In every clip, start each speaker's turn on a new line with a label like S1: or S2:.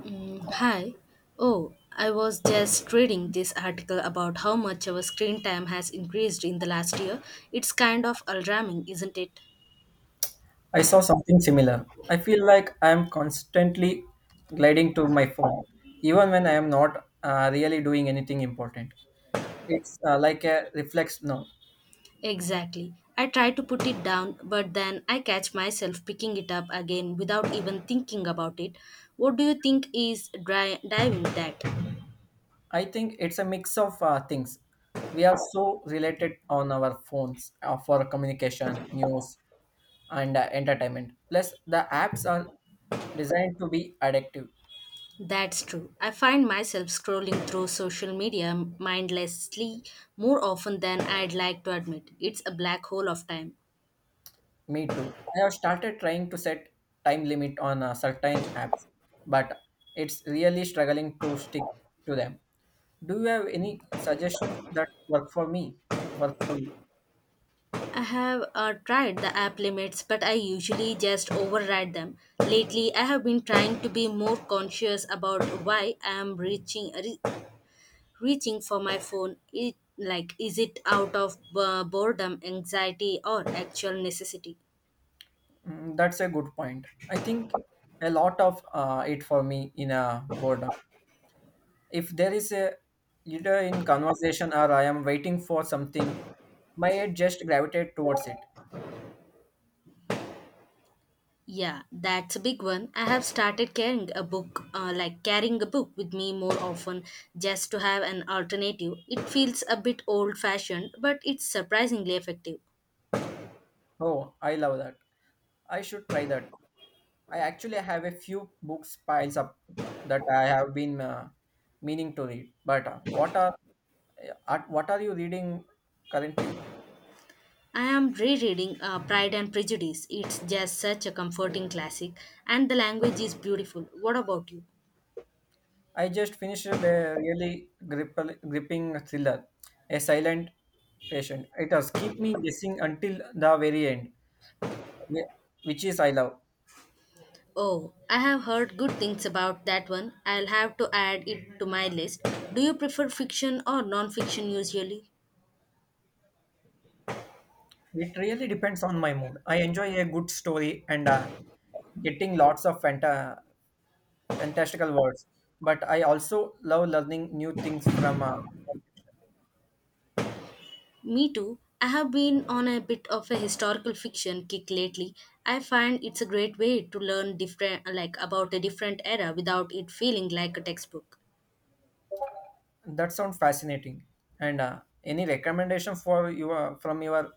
S1: Mm, hi. Oh, I was just reading this article about how much our screen time has increased in the last year. It's kind of alarming, isn't it?
S2: I saw something similar. I feel like I am constantly gliding to my phone, even when I am not really doing anything important. It's like a reflex. No,
S1: Exactly. I try to put it down, but then I catch myself picking it up again without even thinking about it. What do you think is driving that?
S2: I think it's a mix of things. We are so related on our phones for communication, news, and entertainment. Plus, the apps are designed to be addictive.
S1: That's true. I find myself scrolling through social media mindlessly more often than I'd like to admit. It's a black hole of time.
S2: Me too. I have started trying to set time limit on certain apps, but it's really struggling to stick to them. Do you have any suggestions that work for me? Work for you?
S1: I have tried the app limits, but I usually just override them. Lately, I have been trying to be more conscious about why I am reaching for my phone. It, like, is it out of boredom, anxiety, or actual necessity?
S2: Mm, that's a good point. I think a lot of it for me in a boredom. If there is a either in conversation or I am waiting for something, my head just gravitate towards it.
S1: Yeah, that's a big one. I have started carrying a book, carrying a book with me more often just to have an alternative. It feels a bit old fashioned, but it's surprisingly effective.
S2: Oh, I love that. I should try that. I actually have a few books piles up that I have been meaning to read. But what are you reading currently?
S1: I am rereading Pride and Prejudice. It's just such a comforting classic, and the language is beautiful. What about you?
S2: I just finished a gripping thriller, a silent patient. It has keep me guessing until the very end, whi- which is I love.
S1: Oh, I have heard good things about that one. I'll have to add it to my list. Do you prefer fiction or non fiction usually?
S2: It really depends on my mood. I enjoy a good story and getting lots of fantastical words, but I also love learning new things from.
S1: Me too. I have been on a bit of a historical fiction kick lately. I find it's a great way to learn different like about a different era without it feeling like a textbook.
S2: That sounds fascinating. And any recommendation for your from your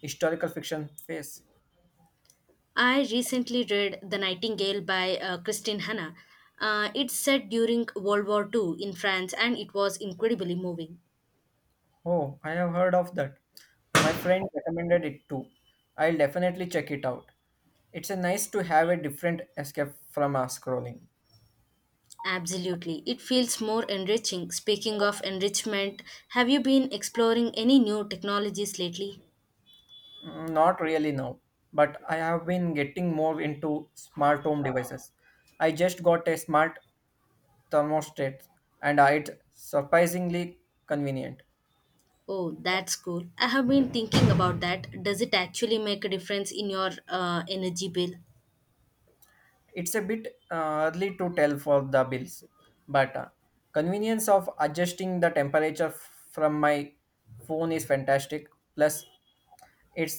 S2: historical fiction phase?
S1: I recently read The Nightingale by Christine Hanna. It's set during World War Two in France, and it was incredibly moving.
S2: Oh, I have heard of that. My friend recommended it too. I'll definitely check it out. It's a nice to have a different escape from scrolling.
S1: Absolutely. It feels more enriching. Speaking of enrichment, have you been exploring any new technologies lately?
S2: Mm, not really now, but I have been getting more into smart home devices. I just got a smart thermostat, and it's surprisingly convenient.
S1: Oh, that's cool. I have been thinking about that. Does it actually make a difference in your energy bill?
S2: It's a bit early to tell for the bills, but convenience of adjusting the temperature from my phone is fantastic. Plus, it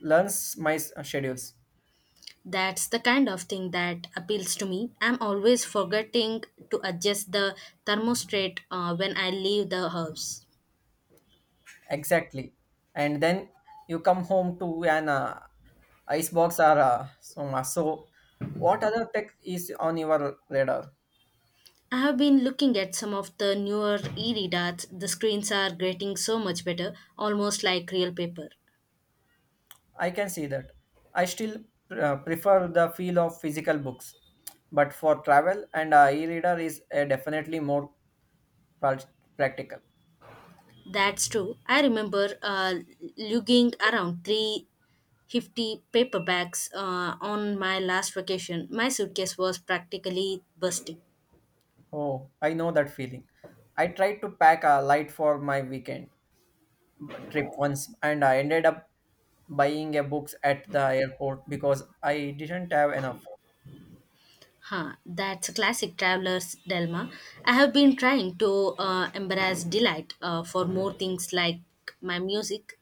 S2: learns my schedules
S1: That's the kind of thing that appeals to me. I'm always forgetting to adjust the thermostat when I leave the house.
S2: exactly, and then you come home to an icebox or soma. So, what other tech is on your radar?
S1: I have been looking at some of the newer e readers. The screens are getting so much better, almost like real paper.
S2: I can see that. I still prefer the feel of physical books, but for travel and e-reader is definitely more practical.
S1: That's true. I remember lugging around 350 paperbacks on my last vacation. My suitcase was practically bursting.
S2: Oh, I know that feeling. I tried to pack a light for my weekend trip once and I ended up buying a books at the airport because I didn't have enough.
S1: Huh, that's a classic traveler's dilemma. I have been trying to embrace delight for more things like my music.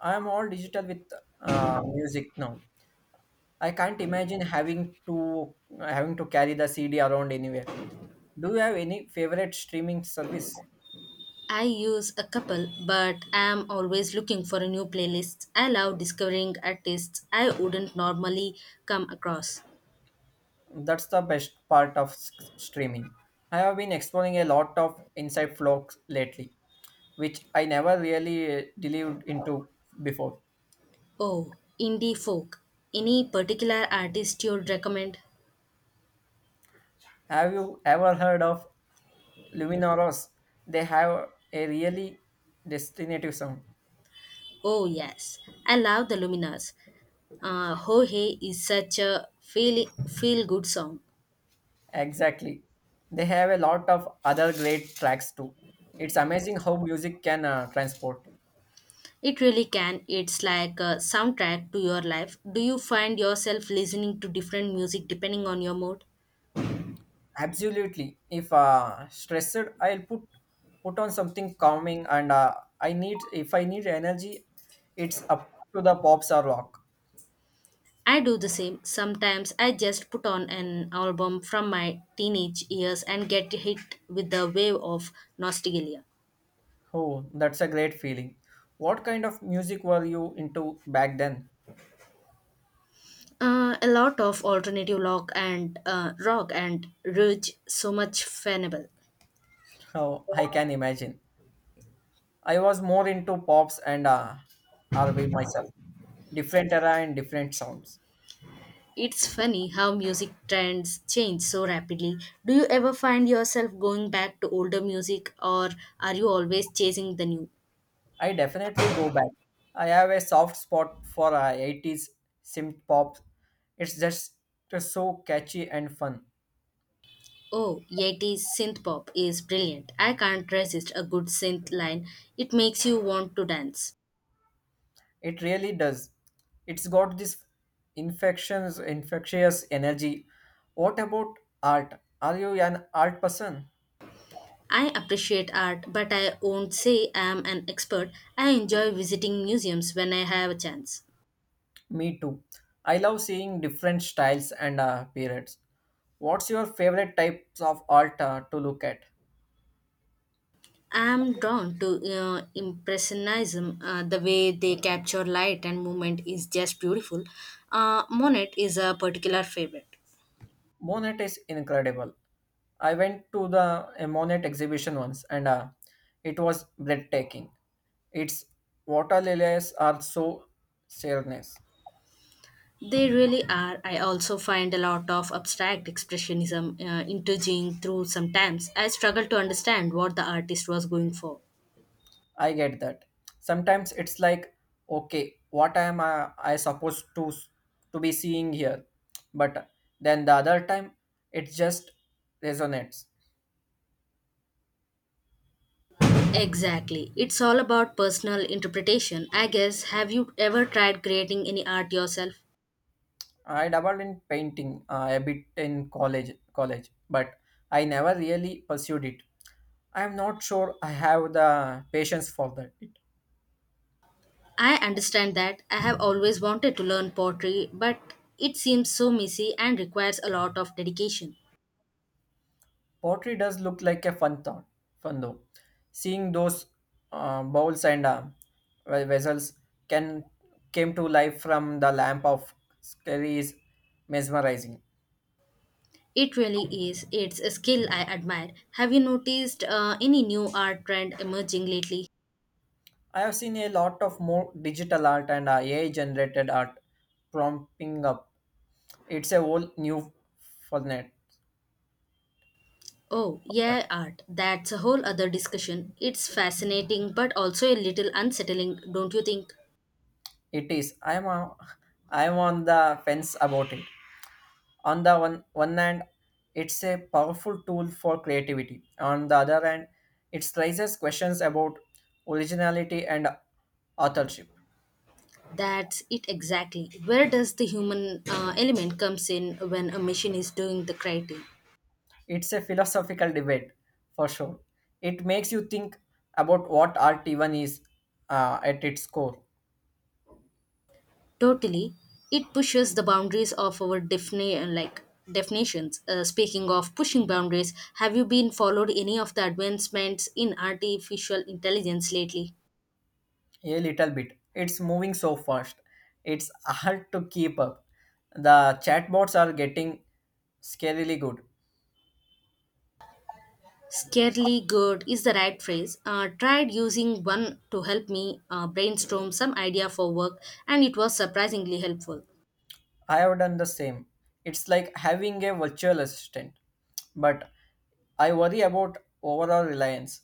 S2: I am all digital with music now. I can't imagine having to carry the CD around anywhere. Do you have any favorite streaming service?
S1: I use a couple, but I'm always looking for a new playlist. I love discovering artists I wouldn't normally come across.
S2: That's the best part of streaming. I have been exploring a lot of inside vlogs lately which I never really delved into before.
S1: Oh, indie folk. Any particular artist you'd recommend?
S2: Have you ever heard of Luminoros? They have a really distinctive sound.
S1: Oh, yes. I love the Luminas. Ho Hey is such a feel good song.
S2: Exactly. They have a lot of other great tracks too. It's amazing how music can transport you.
S1: It really can. It's like a soundtrack to your life. Do you find yourself listening to different music depending on your mood?
S2: Absolutely. If stressed, I'll put on something calming, and I need if I need energy, it's up to the pops or rock.
S1: I do the same. Sometimes I just put on an album from my teenage years and get hit with the wave of nostalgia.
S2: Oh, that's a great feeling. What kind of music were you into back then?
S1: A lot of alternative rock and rock and ridge, so much fanable.
S2: Oh, I can imagine. I was more into pops and R&B myself. Different era and different sounds.
S1: It's funny how music trends change so rapidly. Do you ever find yourself going back to older music, or are you always chasing the new?
S2: I definitely go back. I have a soft spot for 80s synth pop. It's just so catchy and fun.
S1: Oh, Yeti's synth pop is brilliant. I can't resist a good synth line. It makes you want to dance.
S2: It really does. It's got this infectious energy. What about art? Are you an art person?
S1: I appreciate art, but I won't say I am an expert. I enjoy visiting museums when I have a chance.
S2: Me too. I love seeing different styles and periods. What's your favorite types of art to look at?
S1: I'm drawn to impressionism. The way they capture light and movement is just beautiful. Monet is a particular favorite.
S2: Monet is incredible. I went to the a Monet exhibition once and it was breathtaking. Its water lilies are so serious.
S1: They really are. I also find a lot of abstract expressionism intriguing through sometimes. I struggle to understand what the artist was going for.
S2: I get that. Sometimes it's like, okay, what am I supposed to be seeing here? But then the other time, it just resonates.
S1: Exactly. It's all about personal interpretation. I guess. Have you ever tried creating any art yourself?
S2: I dabbled in painting a bit in college, but I never really pursued it. I am not sure I have the patience for that. It,
S1: I understand that. I have always wanted to learn pottery, but it seems so messy and requires a lot of dedication.
S2: pottery does look like a fun though. Seeing those bowls and vessels can came to life from the lamp of scary is mesmerizing.
S1: It really is. It's a skill I admire. Have you noticed any new art trend emerging lately?
S2: I have seen a lot of more digital art and AI generated art prompting up. It's a whole new format.
S1: Oh, yeah, art. That's a whole other discussion. It's fascinating, but also a little unsettling, don't you think?
S2: It is. I'm on the fence about it. On the one hand, it's a powerful tool for creativity. On the other hand, it raises questions about originality and authorship.
S1: That's it exactly. Where does the human element comes in when a machine is doing the creating?
S2: It's a philosophical debate for sure. It makes you think about what art even is at its core
S1: Totally, it pushes the boundaries of our definitions. Speaking of pushing boundaries, have you been followed any of the advancements in artificial intelligence lately?
S2: a little bit. It's moving so fast. It's hard to keep up. The chatbots are getting scarily good.
S1: Scarily good is the right phrase. Tried using one to help me brainstorm some idea for work, and it was surprisingly helpful.
S2: I have done the same. It's like having a virtual assistant, but I worry about overall reliance.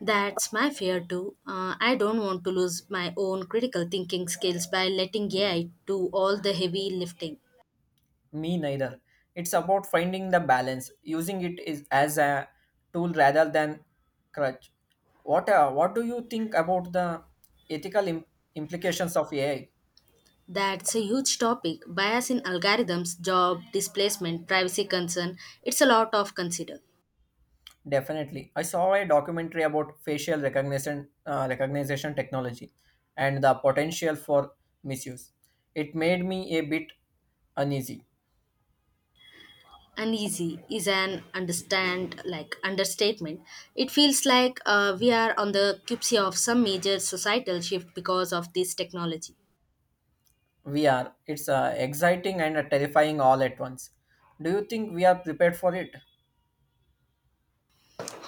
S1: That's my fear too. I don't want to lose my own critical thinking skills by letting AI do all the heavy lifting.
S2: Me neither. It's about finding the balance, using it is as a tool rather than crutch. What do you think about the ethical implications of AI?
S1: That's a huge topic. Bias in algorithms, job displacement, privacy concern. It's a lot of consider.
S2: Definitely, I saw a documentary about facial recognition technology and the potential for misuse. It made me a bit uneasy.
S1: Uneasy is an understand like Understatement. It feels like we are on the cusp of some major societal shift because of this technology.
S2: We are. It's exciting and terrifying all at once. Do you think we are prepared for it?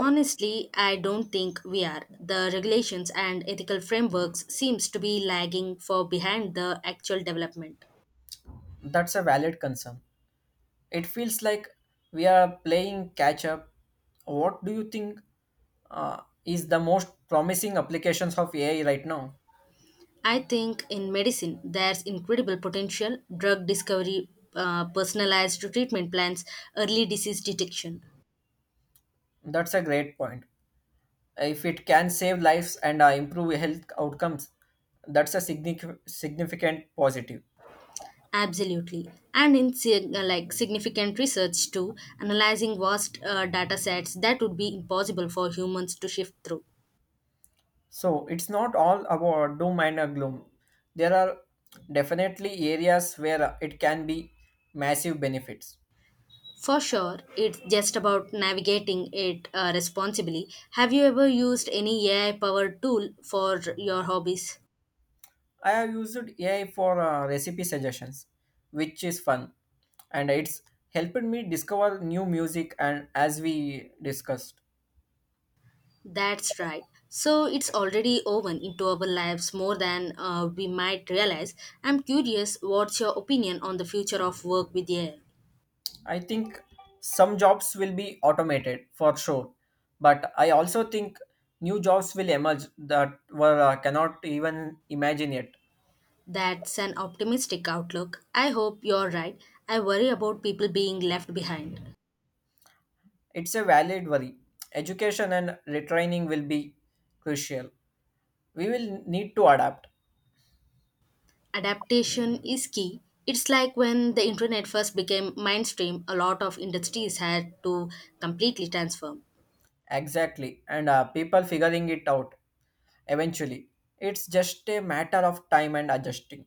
S1: Honestly, I don't think we are. The regulations and ethical frameworks seems to be lagging for behind the actual development.
S2: That's a valid concern. It feels like we are playing catch up. What do you think is the most promising applications of AI right now?
S1: I think in medicine, there's incredible potential drug discovery, personalized treatment plans, early disease detection.
S2: That's a great point. If it can save lives and improve health outcomes, that's a significant positive.
S1: Absolutely. And in significant research too, analyzing vast data sets that would be impossible for humans to shift through.
S2: So it's not all about doom and gloom. There are definitely areas where it can be massive benefits.
S1: For sure, it's just about navigating it responsibly. Have you ever used any AI powered tool for your hobbies?
S2: I have used AI for recipe suggestions, which is fun, and it's helped me discover new music. And as we discussed,
S1: That's right. So it's already woven into our lives more than we might realize. I'm curious, what's your opinion on the future of work with AI?
S2: I think some jobs will be automated for sure, but I also think new jobs will emerge that were cannot even imagine yet.
S1: That's an optimistic outlook. I hope you're right. I worry about people being left behind.
S2: It's a valid worry. Education and retraining will be crucial. We will need to adapt.
S1: Adaptation is key. It's like when the internet first became mainstream, a lot of industries had to completely transform.
S2: Exactly. And people figuring it out eventually. It's just a matter of time and adjusting.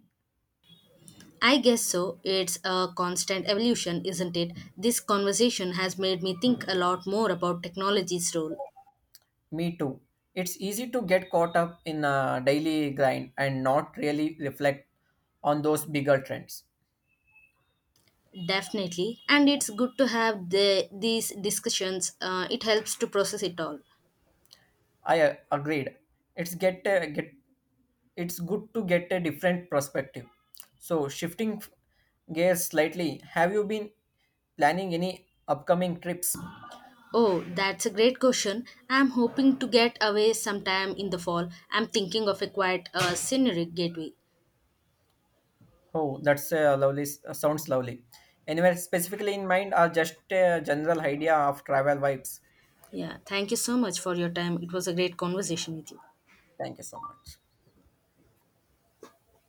S1: I guess so. It's a constant evolution, isn't it? This conversation has made me think a lot more about technology's role.
S2: Me too. It's easy to get caught up in a daily grind and not really reflect on those bigger trends.
S1: Definitely. And it's good to have these discussions. It helps to process it all.
S2: I agreed. It's get uh, get it's good to get a different perspective. So, gears slightly, have you been planning any upcoming trips?
S1: Oh, that's a great question. I'm hoping to get away sometime in the fall. I'm thinking of a quiet scenic gateway.
S2: Oh, that's a lovely, sounds lovely. Anywhere specifically in mind, or just a general idea of travel vibes?
S1: Yeah, thank you so much for your time. It was a great conversation with you.
S2: Thank you so much.